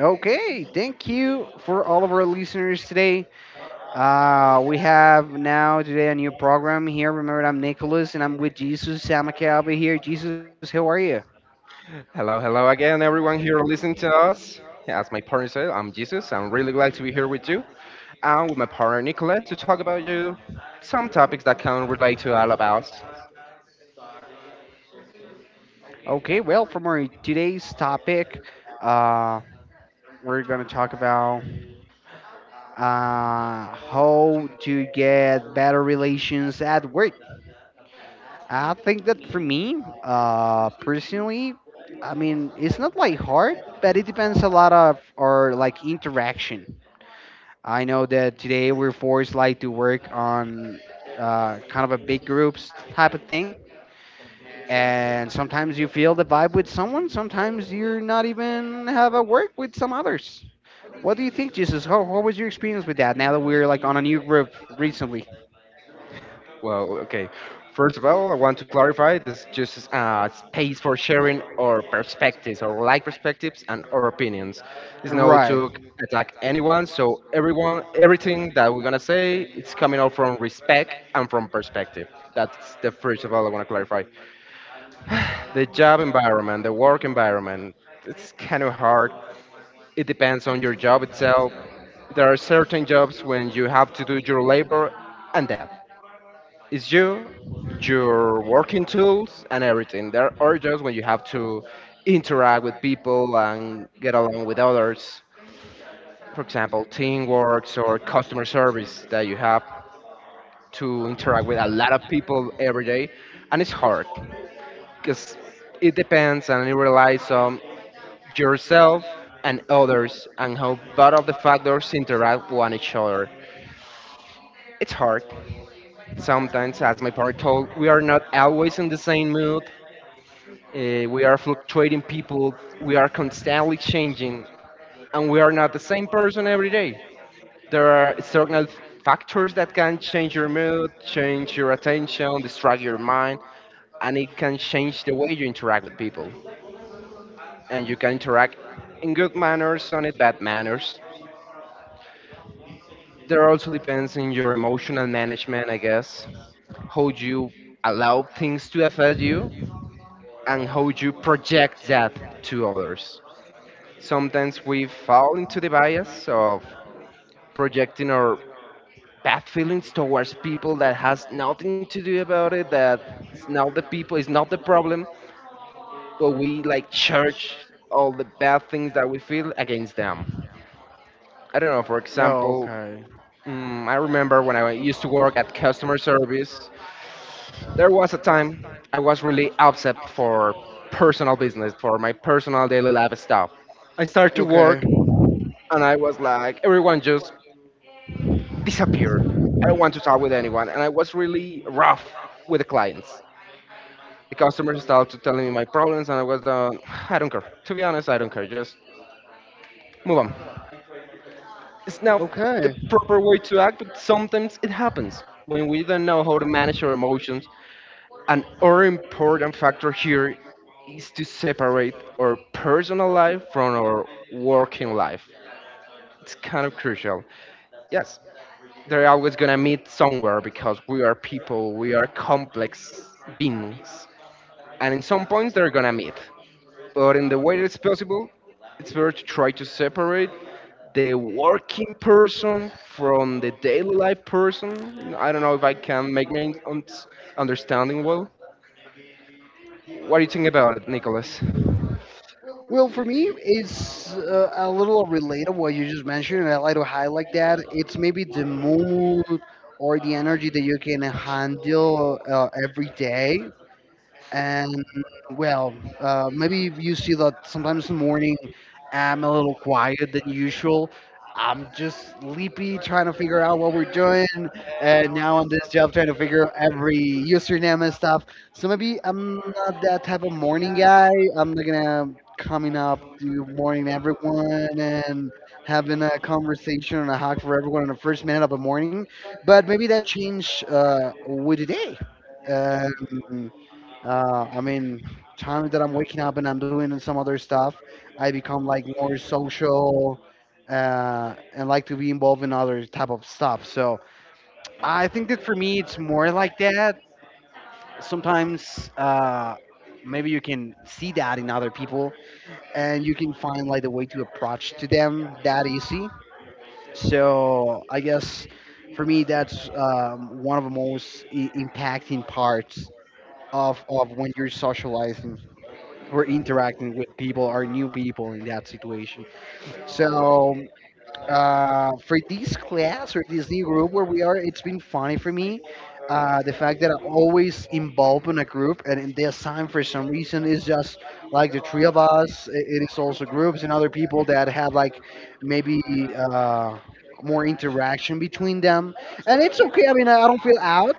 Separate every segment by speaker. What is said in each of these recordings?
Speaker 1: Okay, thank you for all of our listeners today. We have now today a new program here. Remember, I'm Nicholas and I'm with Jesus Samakaba here. Jesus, how are you?
Speaker 2: Hello, hello again, everyone here listening to us. As my partner said, I'm Jesus. I'm really glad to be here with you and with my partner Nicholas to talk about you some topics that can relate to all of us.
Speaker 1: Okay, well, from our today's topic, uh, we're gonna talk about how to get better relations at work. I think that for me, personally, I mean, it's not like hard, but it depends a lot of our like interaction. I know that today we're forced like to work on kind of a big groups type of thing, and sometimes you feel the vibe with someone. Sometimes you're not even have a work with some others. What do you think, Jesus? How was your experience with that? Now that we're like on a new group recently,
Speaker 2: Well, okay. First of all, I want to clarify this is just a space for sharing our perspectives, our like perspectives, and our opinions. It's no
Speaker 1: right?
Speaker 2: to attack anyone, so everyone, everything that we're gonna say, it's coming out from respect and from perspective. That's the first of all I want to clarify. The job environment, the work environment, it's kind of hard. It depends on your job itself. There are certain jobs when you have to do your labor and that is you, your working tools, and everything. There are jobs when you have to interact with people and get along with others. For example, teamwork or customer service that you have to interact with a lot of people every day, and it's hard because it depends and it relies on yourself and others and how both of the factors interact one each other. It's hard. Sometimes, as my partner told, we are not always in the same mood. We are fluctuating people. We are constantly changing, and we are not the same person every day. There are external factors that can change your mood, change your attention, distract your mind, and it can change the way you interact with people. And you can interact in good manners and in bad manners, there also depends on your emotional management, I guess, how you allow things to affect you and how you project that to others. Sometimes we fall into the bias of projecting our bad feelings towards people that has nothing to do about it, that it's not the people, it's not the problem, but we like church all the bad things that we feel against them. I don't know, for
Speaker 1: No,
Speaker 2: example,
Speaker 1: okay,
Speaker 2: I remember when I used to work at customer service, there was a time I was really upset for personal business, for my personal daily life stuff. I started to
Speaker 1: okay,
Speaker 2: work and I was like, everyone just disappear. I don't want to talk with anyone. And I was really rough with the clients. The customers started telling me my problems and I was, I don't care. To be honest, I don't care. Just move on. It's now the
Speaker 1: okay.
Speaker 2: proper way to act, but sometimes it happens when we don't know how to manage our emotions. An other important factor here is to separate our personal life from our working life. It's kind of crucial. Yes, they're always gonna meet somewhere because we are people, we are complex beings. And in some points they're gonna meet. But in the way that it's possible, it's better to try to separate the working person from the daily life person. I don't know if I can make my understanding well. What do you think about it, Nicholas?
Speaker 1: Well, for me, it's a little related what you just mentioned, and I like to highlight that. It's maybe the mood or the energy that you can handle every day and well, maybe you see that sometimes in the morning I'm a little quiet than usual. I'm just sleepy, trying to figure out what we're doing, and now on this job trying to figure out every username and stuff. So maybe I'm not that type of morning guy. I'm not gonna coming up to morning everyone and having a conversation and a hug for everyone in the first minute of the morning. But maybe that changed with the day. Um, I mean, time that I'm waking up and I'm doing some other stuff, I become like more social and like to be involved in other type of stuff. So I think that for me, it's more like that. Sometimes maybe you can see that in other people, and you can find like the way to approach to them that easy. So I guess for me, that's one of the most impacting parts of when you're socializing. We're interacting with people or new people in that situation. So for this class or this new group where we are, it's been funny for me. The fact that I'm always involved in a group, and in this time, for some reason, it's just like the three of us. It is also groups and other people that have like maybe uh, more interaction between them, and it's okay. I mean, I don't feel out.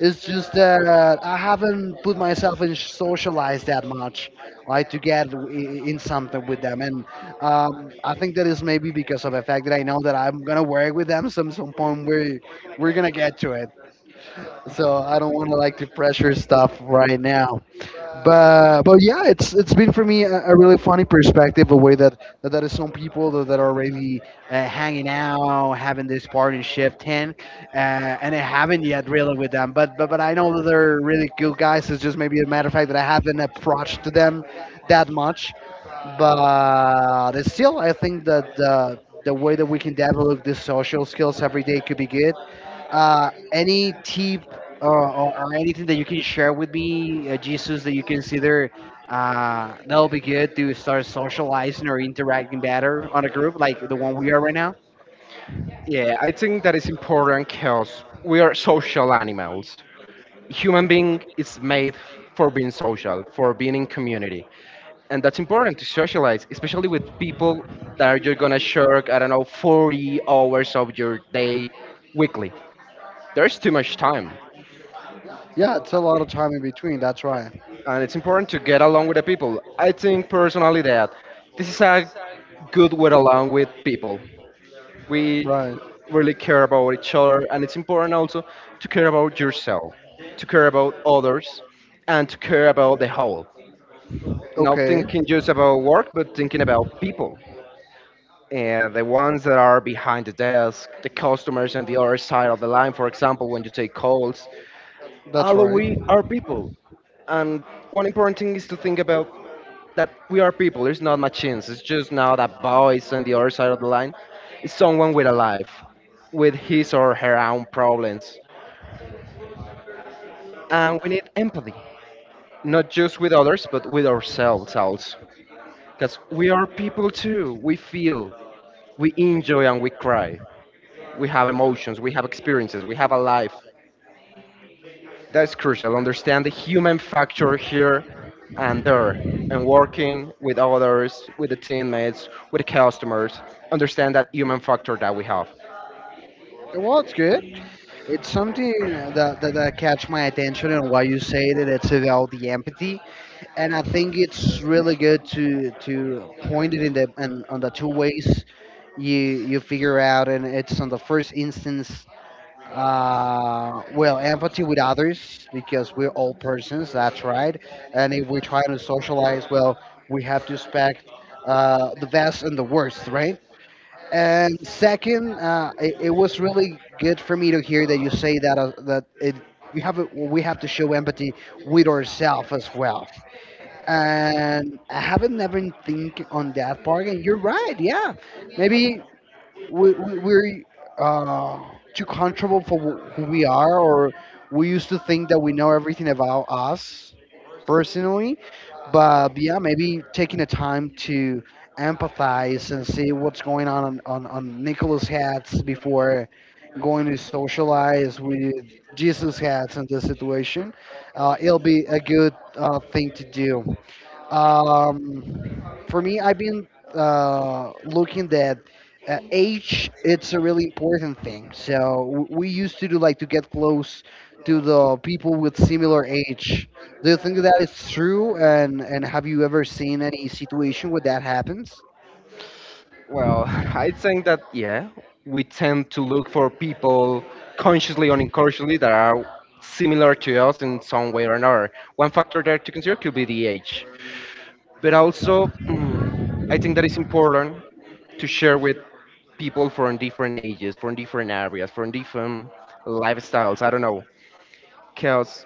Speaker 1: It's just that I haven't put myself in socialize that much, like to get in something with them. And I think that is maybe because of the fact that I know that I'm gonna work with them some point. We're gonna get to it. So I don't want to like to pressure stuff right now but yeah, it's been for me a really funny perspective, a way that that is some people that are already hanging out, having this party in shift ten, and I haven't yet really with them. But I know that they're really cool guys. It's just maybe a matter of fact that I haven't approached to them that much, but it's still I think that the way that we can develop these social skills every day could be good. Any tip or anything that you can share with me, Jesus, that you consider that'll be good to start socializing or interacting better on a group like the one we are right now?
Speaker 2: Yeah, I think that is important because we are social animals. Human being is made for being social, for being in community. And that's important to socialize, especially with people that are you're gonna share, I don't know, 40 hours of your day weekly. There's too much time.
Speaker 1: Yeah, it's a lot of time in between. That's right.
Speaker 2: And it's important to get along with the people. I think personally that this is a good way along with people. We
Speaker 1: Right.
Speaker 2: really care about each other and it's important also to care about yourself, to care about others, and to care about the whole, not
Speaker 1: Okay.
Speaker 2: thinking just about work but thinking about people and the ones that are behind the desk, the customers on the other side of the line, for example, when you take calls,
Speaker 1: That's
Speaker 2: all of
Speaker 1: right.
Speaker 2: we are people. And one important thing is to think about that we are people. There's not machines. It's just now that voice on the other side of the line is someone with a life, with his or her own problems. And we need empathy, not just with others, but with ourselves also. Because we are people too. We feel, we enjoy, and we cry. We have emotions, we have experiences, we have a life. That's crucial. Understand the human factor here and there, and working with others, with the teammates, with the customers. Understand that human factor that we have.
Speaker 1: Well, it's good. It's something that, that catch my attention and why you say that it's about the empathy. And I think it's really good to point it in the and on the two ways you you figure out and it's on the first instance well empathy with others because we're all persons that's right and if we're trying to socialize well we have to expect the best and the worst right and second, it was really good for me to hear that you say that that it you have a, we have to show empathy with ourselves as well. And I haven't never think on that part. And you're right, yeah. Maybe we're uh, too comfortable for who we are, or we used to think that we know everything about us personally. But yeah, maybe taking the time to empathize and see what's going on on Nicholas' hats before going to socialize with Jesus' hats in this situation. It'll be a good thing to do. For me, I've been looking that age it's a really important thing so we used to do like to get close to the people with similar age do you think that is true and have you ever seen any situation where that happens
Speaker 2: Well, I think that yeah, we tend to look for people consciously or unconsciously that are similar to us in some way or another. One factor there to consider could be the age. But also I think that it's important to share with people from different ages, from different areas, from different lifestyles. I don't know, because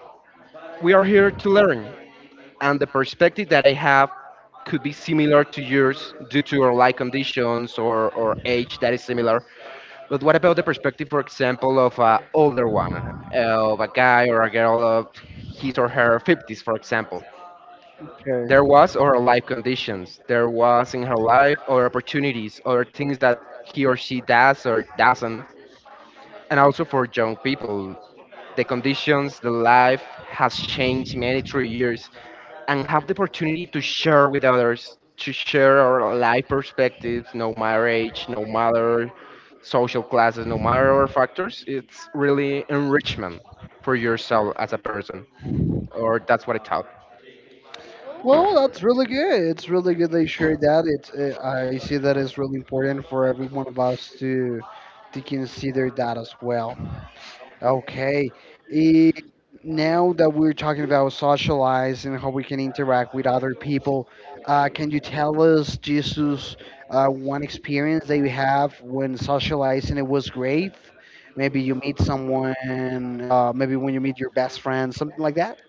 Speaker 2: we are here to learn, and the perspective that I have could be similar to yours due to our life conditions or age that is similar. But what about the perspective, for example, of an older one, of a guy or a girl of his or her 50s, for example? There
Speaker 1: okay
Speaker 2: was or life conditions there was in her life, other opportunities, other things that he or she does or doesn't. And also for young people, the conditions, the life has changed many through years, and have the opportunity to share with others, to share our life perspectives, no matter age, no matter social classes, no matter our factors, it's really enrichment for yourself as a person, or that's what I thought.
Speaker 1: well that's really good it's really good they share that it's I see that it's really important for every one of us to consider that as well. Okay. Eh, now that we're talking about socialize and how we can interact with other people, can you tell us, Jesus, one experience that you have when socializing it was great? Maybe you meet someone, maybe when you meet your best friend, something like that.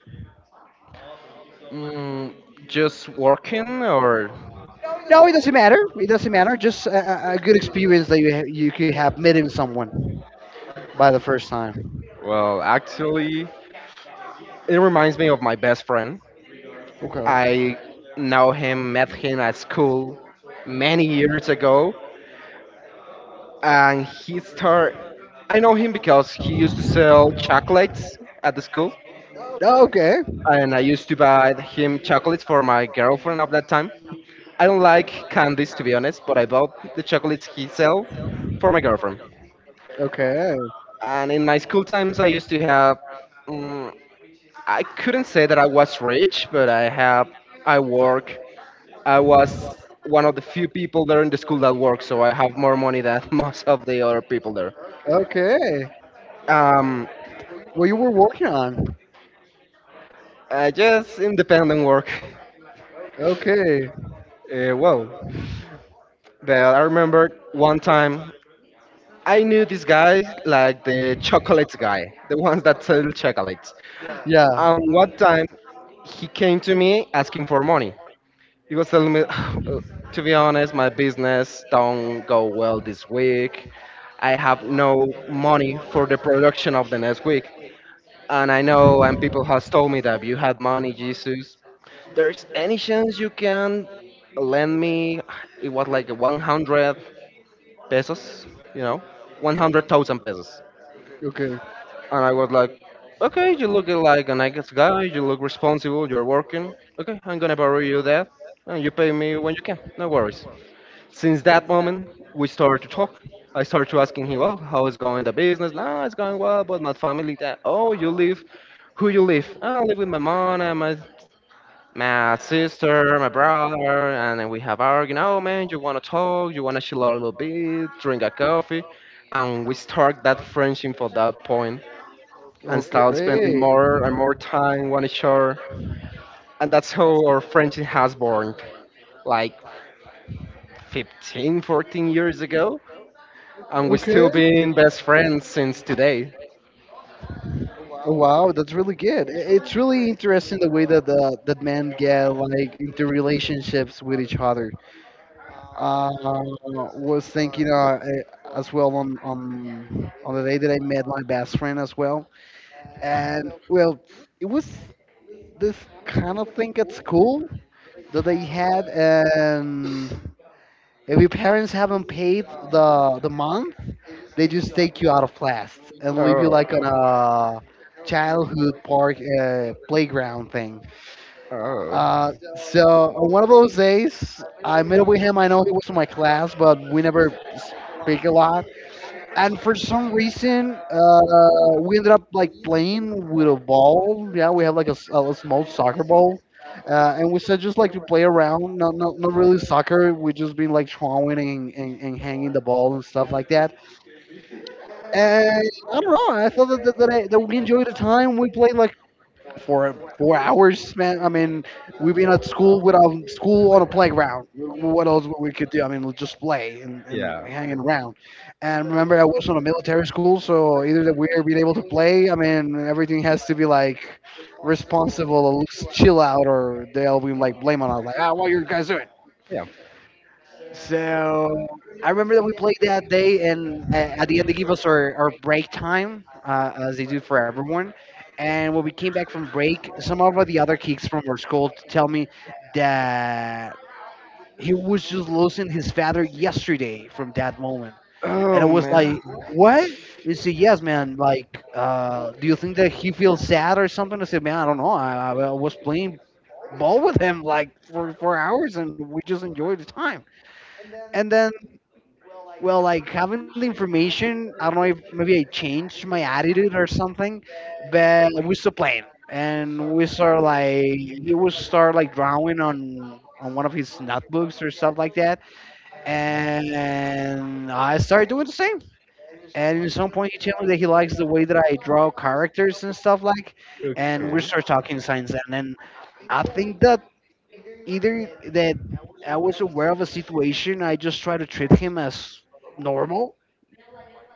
Speaker 2: Mm, just working or
Speaker 1: No, it doesn't matter. It doesn't matter. Just a good experience that you ha you could have meeting someone by the first time.
Speaker 2: well actually it reminds me of my best friend.
Speaker 1: Okay.
Speaker 2: I know him, met him at school many years ago, and he start, I know him because he used to sell chocolates at the school,
Speaker 1: Okay.
Speaker 2: and I used to buy him chocolates for my girlfriend of that time. I don't like candies, to be honest, but I bought the chocolates he sell for my girlfriend.
Speaker 1: Okay.
Speaker 2: And in my school times I used to have mm, I couldn't say that I was rich, but I have, I work. I was one of the few people there in the school that work, so I have more money than most of the other people there.
Speaker 1: Okay.
Speaker 2: Um,
Speaker 1: What you were working on?
Speaker 2: I just independent work.
Speaker 1: Okay.
Speaker 2: Well, but I remember one time I knew this guy, like the chocolates guy, the ones that sell chocolates.
Speaker 1: Yeah.
Speaker 2: And one time he came to me asking for money. He was telling me, to be honest, my business don't go well this week. I have no money for the production of the next week. And I know, and people has told me that you had money, Jesus. There's any chance you can lend me? It was like 100 pesos, you know, 100,000 pesos.
Speaker 1: Okay.
Speaker 2: And I was like, okay, you look like a nice guy. You look responsible. You're working. Okay, I'm gonna borrow you that, and you pay me when you can. No worries. Since that moment, we started to talk. I started to asking him, well, how is going the business? No, it's going well, but my family, that, oh, you live, who you live? "Ah, I live with my mom and my sister, my brother, and then we have arguing, oh man, you want to talk, you want to chill out a little bit, drink a coffee. And we start that friendship for that point and
Speaker 1: Okay.
Speaker 2: start spending
Speaker 1: Great.
Speaker 2: more and more time on each other. And that's how our friendship has born. Like 15, 14 years ago, and we
Speaker 1: Okay.
Speaker 2: still been best friends since today.
Speaker 1: Oh, wow, that's really good. It's really interesting the way that the that men get like into relationships with each other. Uh, was thinking as well on on the day that I met my best friend as well, and well, it was this kind of thing at school that they had, and if your parents haven't paid the month, they just take you out of class and leave
Speaker 2: Oh,
Speaker 1: you like on a childhood park playground thing.
Speaker 2: oh,
Speaker 1: So on one of those days, I met up with him. I know he was in my class, but we never speak a lot and for some reason, we ended up like playing with a ball. Yeah, we have like a, a small soccer ball, and we said just like to play around. Not really soccer. We just been like throwing and hanging the ball and stuff like that. And I don't know. I thought that that we enjoyed the time. We played like for 4 hours, man. I mean, we've been at school without school on a playground. What else we could do? I mean, we'll just play and
Speaker 2: yeah,
Speaker 1: hanging around. And remember, I was on a military school, so either that we're being able to play. I mean, everything has to be like responsible or looks chill out, or they'll be like blame on us, like, ah,
Speaker 2: yeah.
Speaker 1: so I remember that we played that day, and at the end they give us our break time, as they do for everyone. And when we came back from break, some of the other kids from our school tell me that he was just losing his father yesterday from that moment. And I
Speaker 2: Oh
Speaker 1: was
Speaker 2: man.
Speaker 1: like, what? He said, yes, man. Like, do you think that he feels sad or something? I said, man, I don't know. I was playing ball with him like for hours, and we just enjoyed the time. And then well, like having the information, I don't know if maybe I changed my attitude or something, but we still playing, and we start like he would start like drawing on one of his notebooks or stuff like that, and I started doing the same. And at some point, he told me that he likes the way that I draw characters and stuff like, and
Speaker 2: Okay.
Speaker 1: we start talking signs, and then I think that either that I was aware of a situation, I just try to treat him as normal,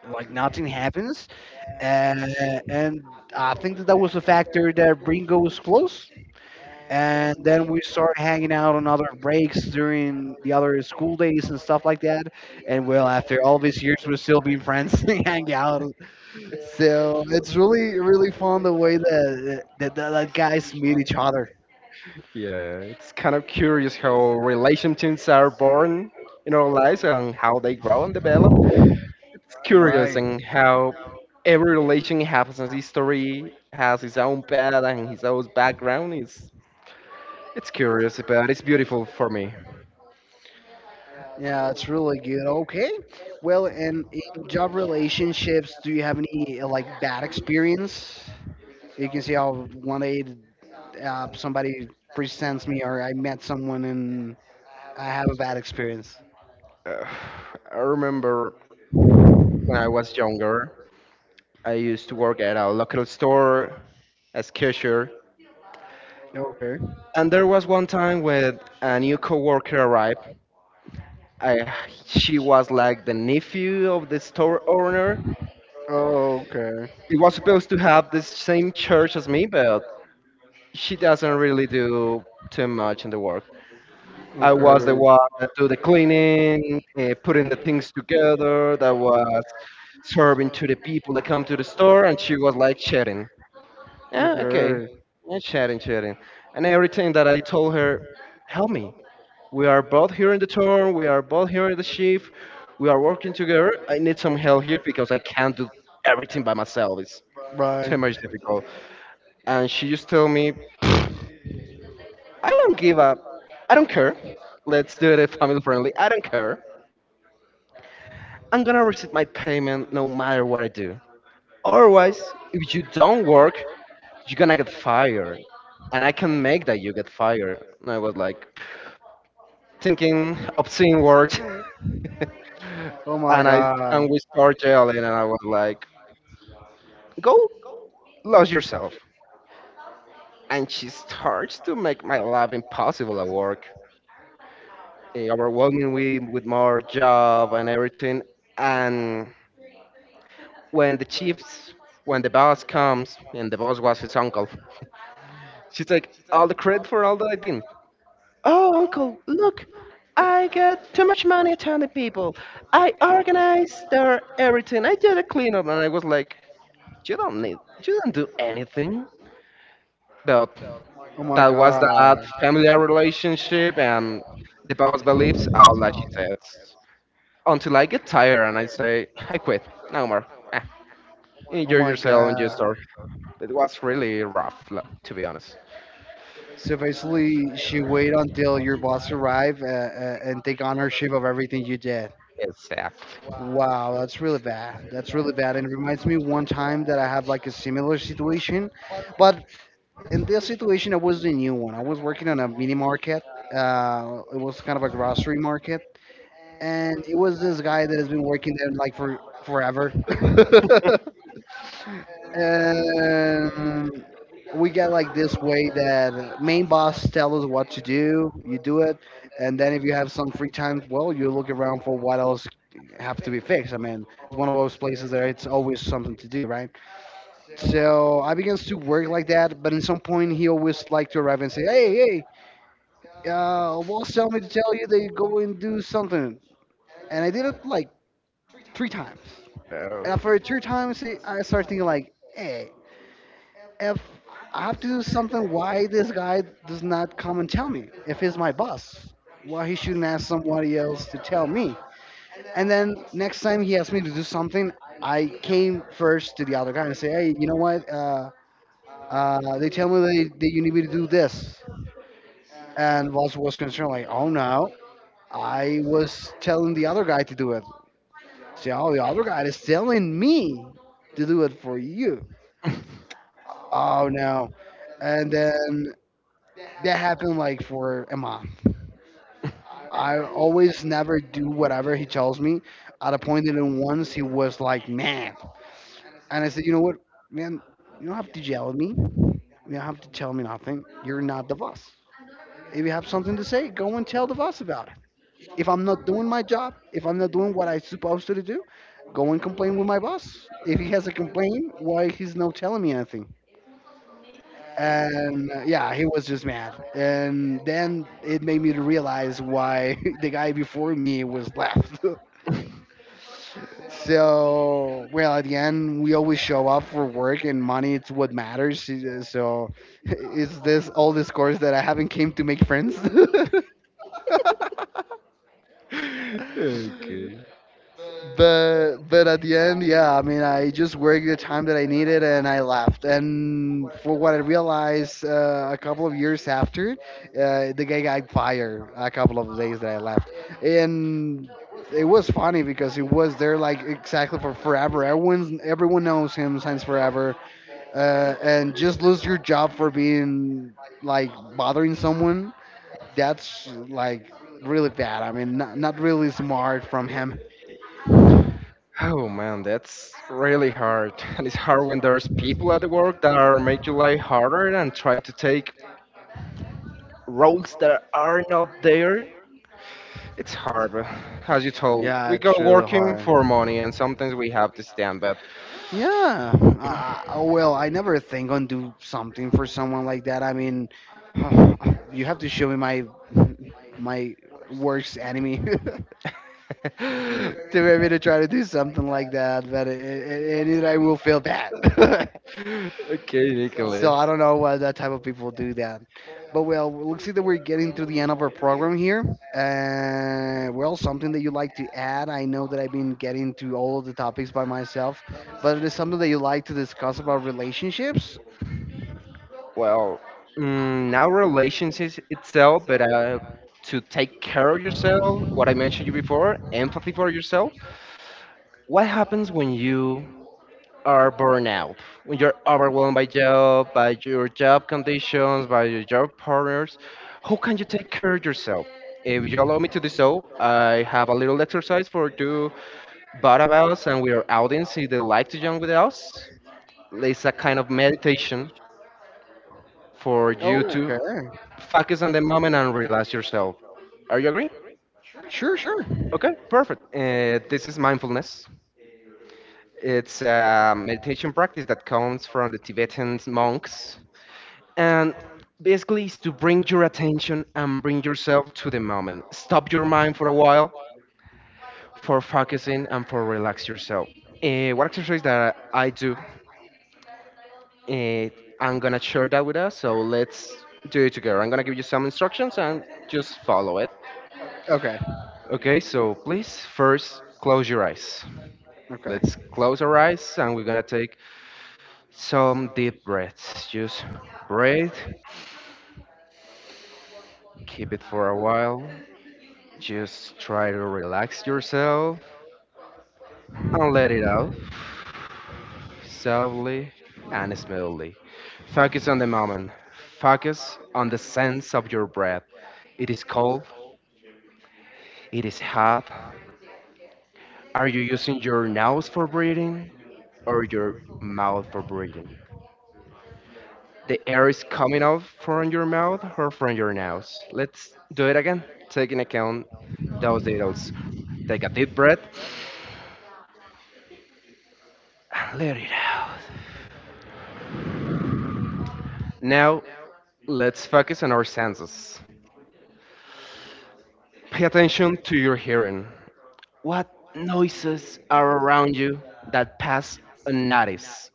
Speaker 1: like nothing happens. Uh, and I think that that was a factor that Ringo was close. And then we started hanging out on other breaks during the other school days and stuff like that. And well, after all these years, we're still being friends and hang out. So it's really, really fun the way that that guys meet each other.
Speaker 2: Yeah, it's kind of curious how relationships are born in our lives and how they grow and develop. It's curious
Speaker 1: Right.
Speaker 2: and how every relation has its history, has its own path and his own background. It's curious, but it's beautiful for me.
Speaker 1: Yeah, it's really good. Okay. Well, and in job relationships, do you have any like bad experience? You can see how one day somebody presents me or I met someone and I have a bad experience.
Speaker 2: Uh, I remember when I was younger, I used to work at a local store as cashier.
Speaker 1: Okay.
Speaker 2: And there was one time when a new coworker arrived. I, she was like the nephew of the store owner.
Speaker 1: Oh, okay.
Speaker 2: He was supposed to have the same church as me, but she doesn't really do too much in the work. I was the
Speaker 1: Okay.
Speaker 2: one that do the cleaning, putting the things together, that was serving to the people that come to the store, and she was like sharing. Yeah, okay.
Speaker 1: Okay.
Speaker 2: Yeah, chatting, chatting. And everything that I told her, help me. We are both here in the tour, we are both here in the shift, we are working together. I need some help here because I can't do everything by myself. It's
Speaker 1: Right.
Speaker 2: too much difficult. And she just told me, I don't give up. I don't care. Let's do it family friendly. I don't care. I'm gonna receive my payment no matter what I do. Otherwise, if you don't work, you're gonna get fired. And I can make that you get fired. And I was like, thinking obscene words,
Speaker 1: Oh my
Speaker 2: and I
Speaker 1: god.
Speaker 2: and we start yelling, and I was like, "Go lose yourself." And she starts to make my life impossible at work, overwhelming me with more job and everything. And when the chiefs, when the boss comes, and the boss was his uncle, she's like, "All the credit for all that I did. Oh, uncle, look. I got too much money telling people. I organized their everything. I did a cleanup." And I was like, "You don't need, you don't do anything." But
Speaker 1: Oh my
Speaker 2: that was that
Speaker 1: god.
Speaker 2: familiar relationship, and the boss believes all that she said, until I get tired and I say, "I quit, no more. Eh,
Speaker 1: Oh
Speaker 2: Enjoy
Speaker 1: my
Speaker 2: yourself, enjoy your
Speaker 1: god.
Speaker 2: story." It was really rough, to be honest.
Speaker 1: So basically, she wait until your boss arrive and take ownership of everything you did.
Speaker 2: It's sad.
Speaker 1: Wow, that's really bad. That's really bad. And it reminds me one time that I had like a similar situation, but in this situation, I was the new one. I was working on a mini market. It was kind of a grocery market, and it was this guy that has been working there like for forever. And we got like this way that main boss tell us what to do, you do it. And then if you have some free time, well, you look around for what else have to be fixed. I mean, it's one of those places that it's always something to do, right? So I began to work like that, but at some point he always liked to arrive and say, hey, hey. Boss tell me to tell you that you go and do something. And I did it like three times.
Speaker 2: Oh.
Speaker 1: And after three times I started thinking like, hey, if I have to do something, why this guy does not come and tell me? If he's my boss, why he shouldn't ask somebody else to tell me? And then next time he asked me to do something, I came first to the other guy and say, hey, you know what? They tell me that you need me to do this. And boss was concerned, like, oh no, I was telling the other guy to do it. Say, oh, the other guy is telling me to do it for you. Oh no. And then that happened like for Emma. I always never do whatever he tells me. At a point in once he was like, man. And I said, you know what, man, you don't have to yell at me. You don't have to tell me nothing. You're not the boss. If you have something to say, go and tell the boss about it. If I'm not doing my job, if I'm not doing what I'm supposed to do, go and complain with my boss. If he has a complaint, why he's not telling me anything? And Yeah, he was just mad. And then it made me to realize why the guy before me was left. So, well, at the end, we always show up for work and money. It's what matters. So, is this all this course that I haven't came to make friends?
Speaker 2: Okay.
Speaker 1: But at the end, yeah, I mean, I just worked the time that I needed and I left. And for what I realized a couple of years after, the guy got fired a couple of days that I left. And it was funny because he was there like exactly for forever. Everyone knows him since forever. And just lose your job for being like bothering someone, that's like really bad. I mean, not really smart from him.
Speaker 2: Oh man, that's really hard. And it's hard when there's people at the work that are make your life harder and try to take roles that are not there. It's hard, but as you told,
Speaker 1: Yeah,
Speaker 2: we go
Speaker 1: it's really
Speaker 2: working
Speaker 1: hard.
Speaker 2: for money, and sometimes we have to stand up.
Speaker 1: Yeah. Well, I never think on do something for someone like that. I mean, you have to show me my my worst enemy to maybe to
Speaker 2: Okay,
Speaker 1: try to do something like that. But it, I will feel bad.
Speaker 2: Nicholas.
Speaker 1: So I don't know why that type of people do that. But well, looks like that we're getting to the end of our program here. Well, something that you like to add? I know that I've been getting to all of the topics by myself, but it is something that you like to discuss about relationships.
Speaker 2: Well, now relationships itself, but to take care of yourself, what I mentioned you before, empathy for yourself. What happens when you are burnout. When you're overwhelmed by job, by your job conditions, by your job partners, how can you take care of yourself? If you allow me to do so, I have a little exercise for two Barabas, and we are audience if they like to join with us. It's a kind of meditation for you
Speaker 1: Oh,
Speaker 2: to
Speaker 1: okay.
Speaker 2: focus on the moment and relax yourself. Are you agree?
Speaker 1: Sure, sure.
Speaker 2: Okay, perfect. This is mindfulness. It's a meditation practice that comes from the Tibetan monks. And basically, is to bring your attention and bring yourself to the moment. Stop your mind for a while for focusing and for relax yourself. What exercise that I do, uh, I'm gonna share that with us. So let's do it together. I'm gonna give you some instructions and just follow it.
Speaker 1: Okay,
Speaker 2: Okay, so please first close your eyes.
Speaker 1: okay.
Speaker 2: Let's close our eyes, and we're gonna take some deep breaths. Just breathe, keep it for a while. Just try to relax yourself and let it out softly and smoothly. Focus on the moment. Focus on the sense of your breath. It is cold, it is hot. Are you using your nose for breathing or your mouth for breathing? The air is coming out from your mouth or from your nose. Let's do it again. Taking account those details. Take a deep breath and let it out. Now let's focus on our senses. Pay attention to your hearing. What noises are around you that pass unnoticed?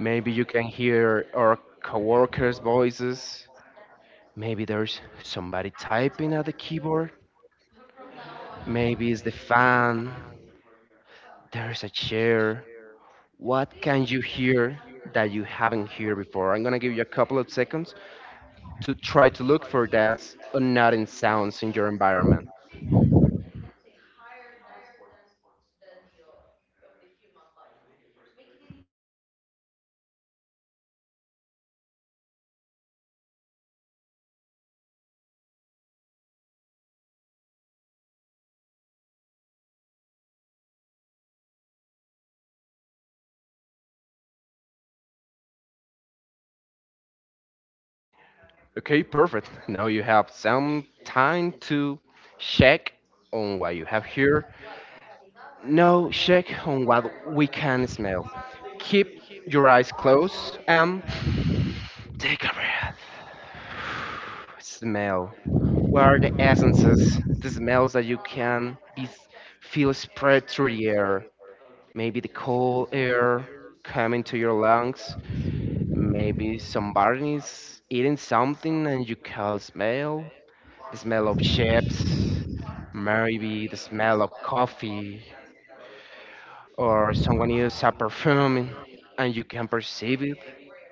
Speaker 2: Maybe you can hear our coworkers' voices. Maybe there's somebody typing at the keyboard. Maybe it's the fan. There's a chair. What can you hear that you haven't heard before? I'm gonna give you a couple of seconds to try to look for those unnoticed sounds in your environment. Okay, perfect. Now you have some time to check on what you have here. Now check on what we can smell. Keep your eyes closed and take a breath. Smell. What are the essences, the smells that you can be, feel spread through the air? Maybe the cold air coming to your lungs. Maybe somebody is eating something and you can smell the smell of chips, maybe the smell of coffee, or someone uses a perfume and you can perceive it,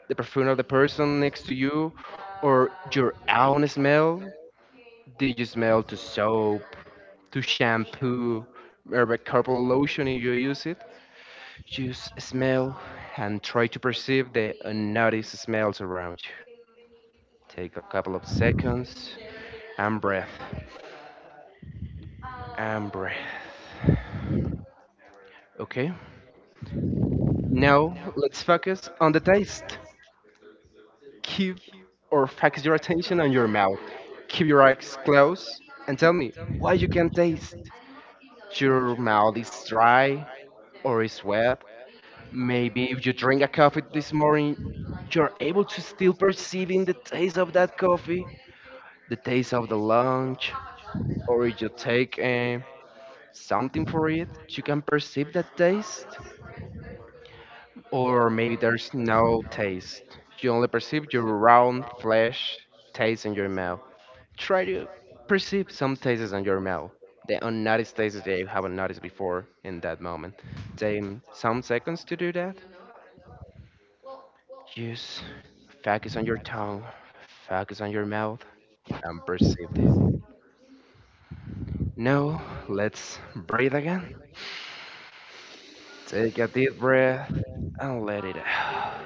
Speaker 2: the perfume of the person next to you, or your own smell. Did you smell to soap, to shampoo, maybe corporal lotion if you use it? Just smell and try to perceive the unnoticed smells around you. Take a couple of seconds and breath and breath. Okay? Now, let's focus on the taste. Keep or focus your attention on your mouth. Keep your eyes closed and tell me what you can taste. Your mouth is dry or is wet. Maybe if you drink a coffee this morning, you're able to still perceiving the taste of that coffee, the taste of the lunch, or if you take something for it, you can perceive that taste. Or maybe there's no taste. You only perceive your round flesh taste in your mouth. Try to perceive some tastes in your mouth. The unnoticed tastes that you haven't noticed before in that moment. Take some seconds to do that. Just focus on your tongue, focus on your mouth, and perceive it. Now, let's breathe again. Take a deep breath and let it out.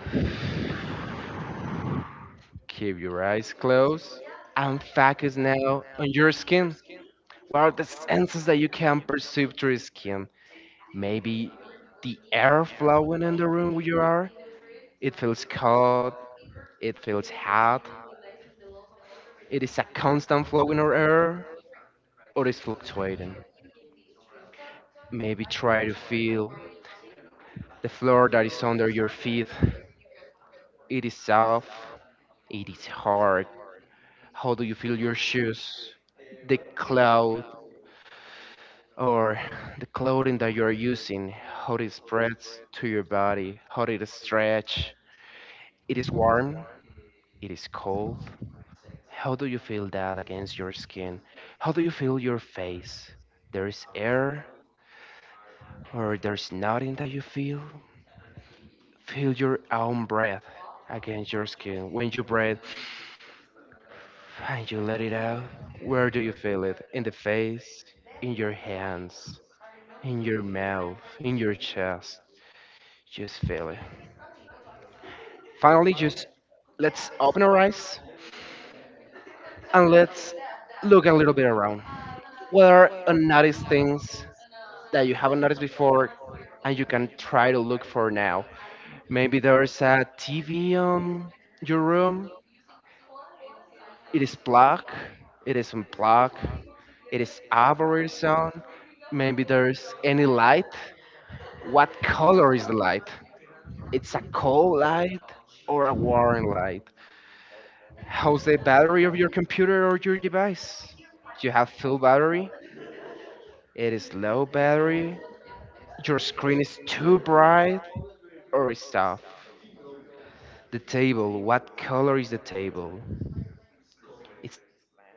Speaker 2: Keep your eyes closed and focus now on your skin. What are the senses that you can perceive through skin? Maybe the air flowing in the room where you are. It feels cold, it feels hot. It is a constant flowing of air or it's fluctuating. Maybe try to feel the floor that is under your feet. It is soft, it is hard. How do you feel your shoes? The cloud or the clothing that you're using, how it spreads to your body, how it stretch. It is warm, it is cold. How do you feel that against your skin? How do you feel your face? There is air or there's nothing that you feel? Feel your own breath against your skin. When you breathe and you let it out, where do you feel it? In the face, in your hands, in your mouth, in your chest. Just feel it. Finally, just let's open our eyes and let's look a little bit around. What are unnoticed things that you haven't noticed before and you can try to look for now? Maybe there's a TV on your room. It is plugged, it is unplugged, it is off or it is on. Maybe there's any light. What color is the light? It's a cold light or a warm light? How's the battery of your computer or your device? Do you have full battery? It is low battery. Your screen is too bright or it's off. The table, what color is the table? It's blank.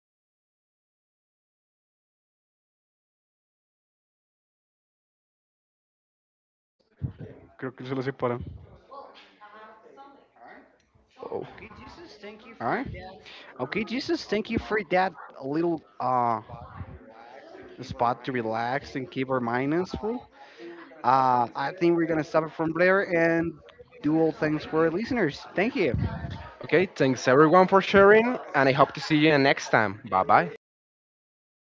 Speaker 2: It has some patterns on it. Just try to pay attention to that.
Speaker 1: Creo que se lo separa. All right.
Speaker 2: Oh.
Speaker 1: Okay, Jesus, thank you for that little spot to relax and keep our minds full. I think we're going to stop it from there and do all things for our listeners. Thank you.
Speaker 2: Okay, thanks everyone for sharing, and I hope to see you next time. Bye bye.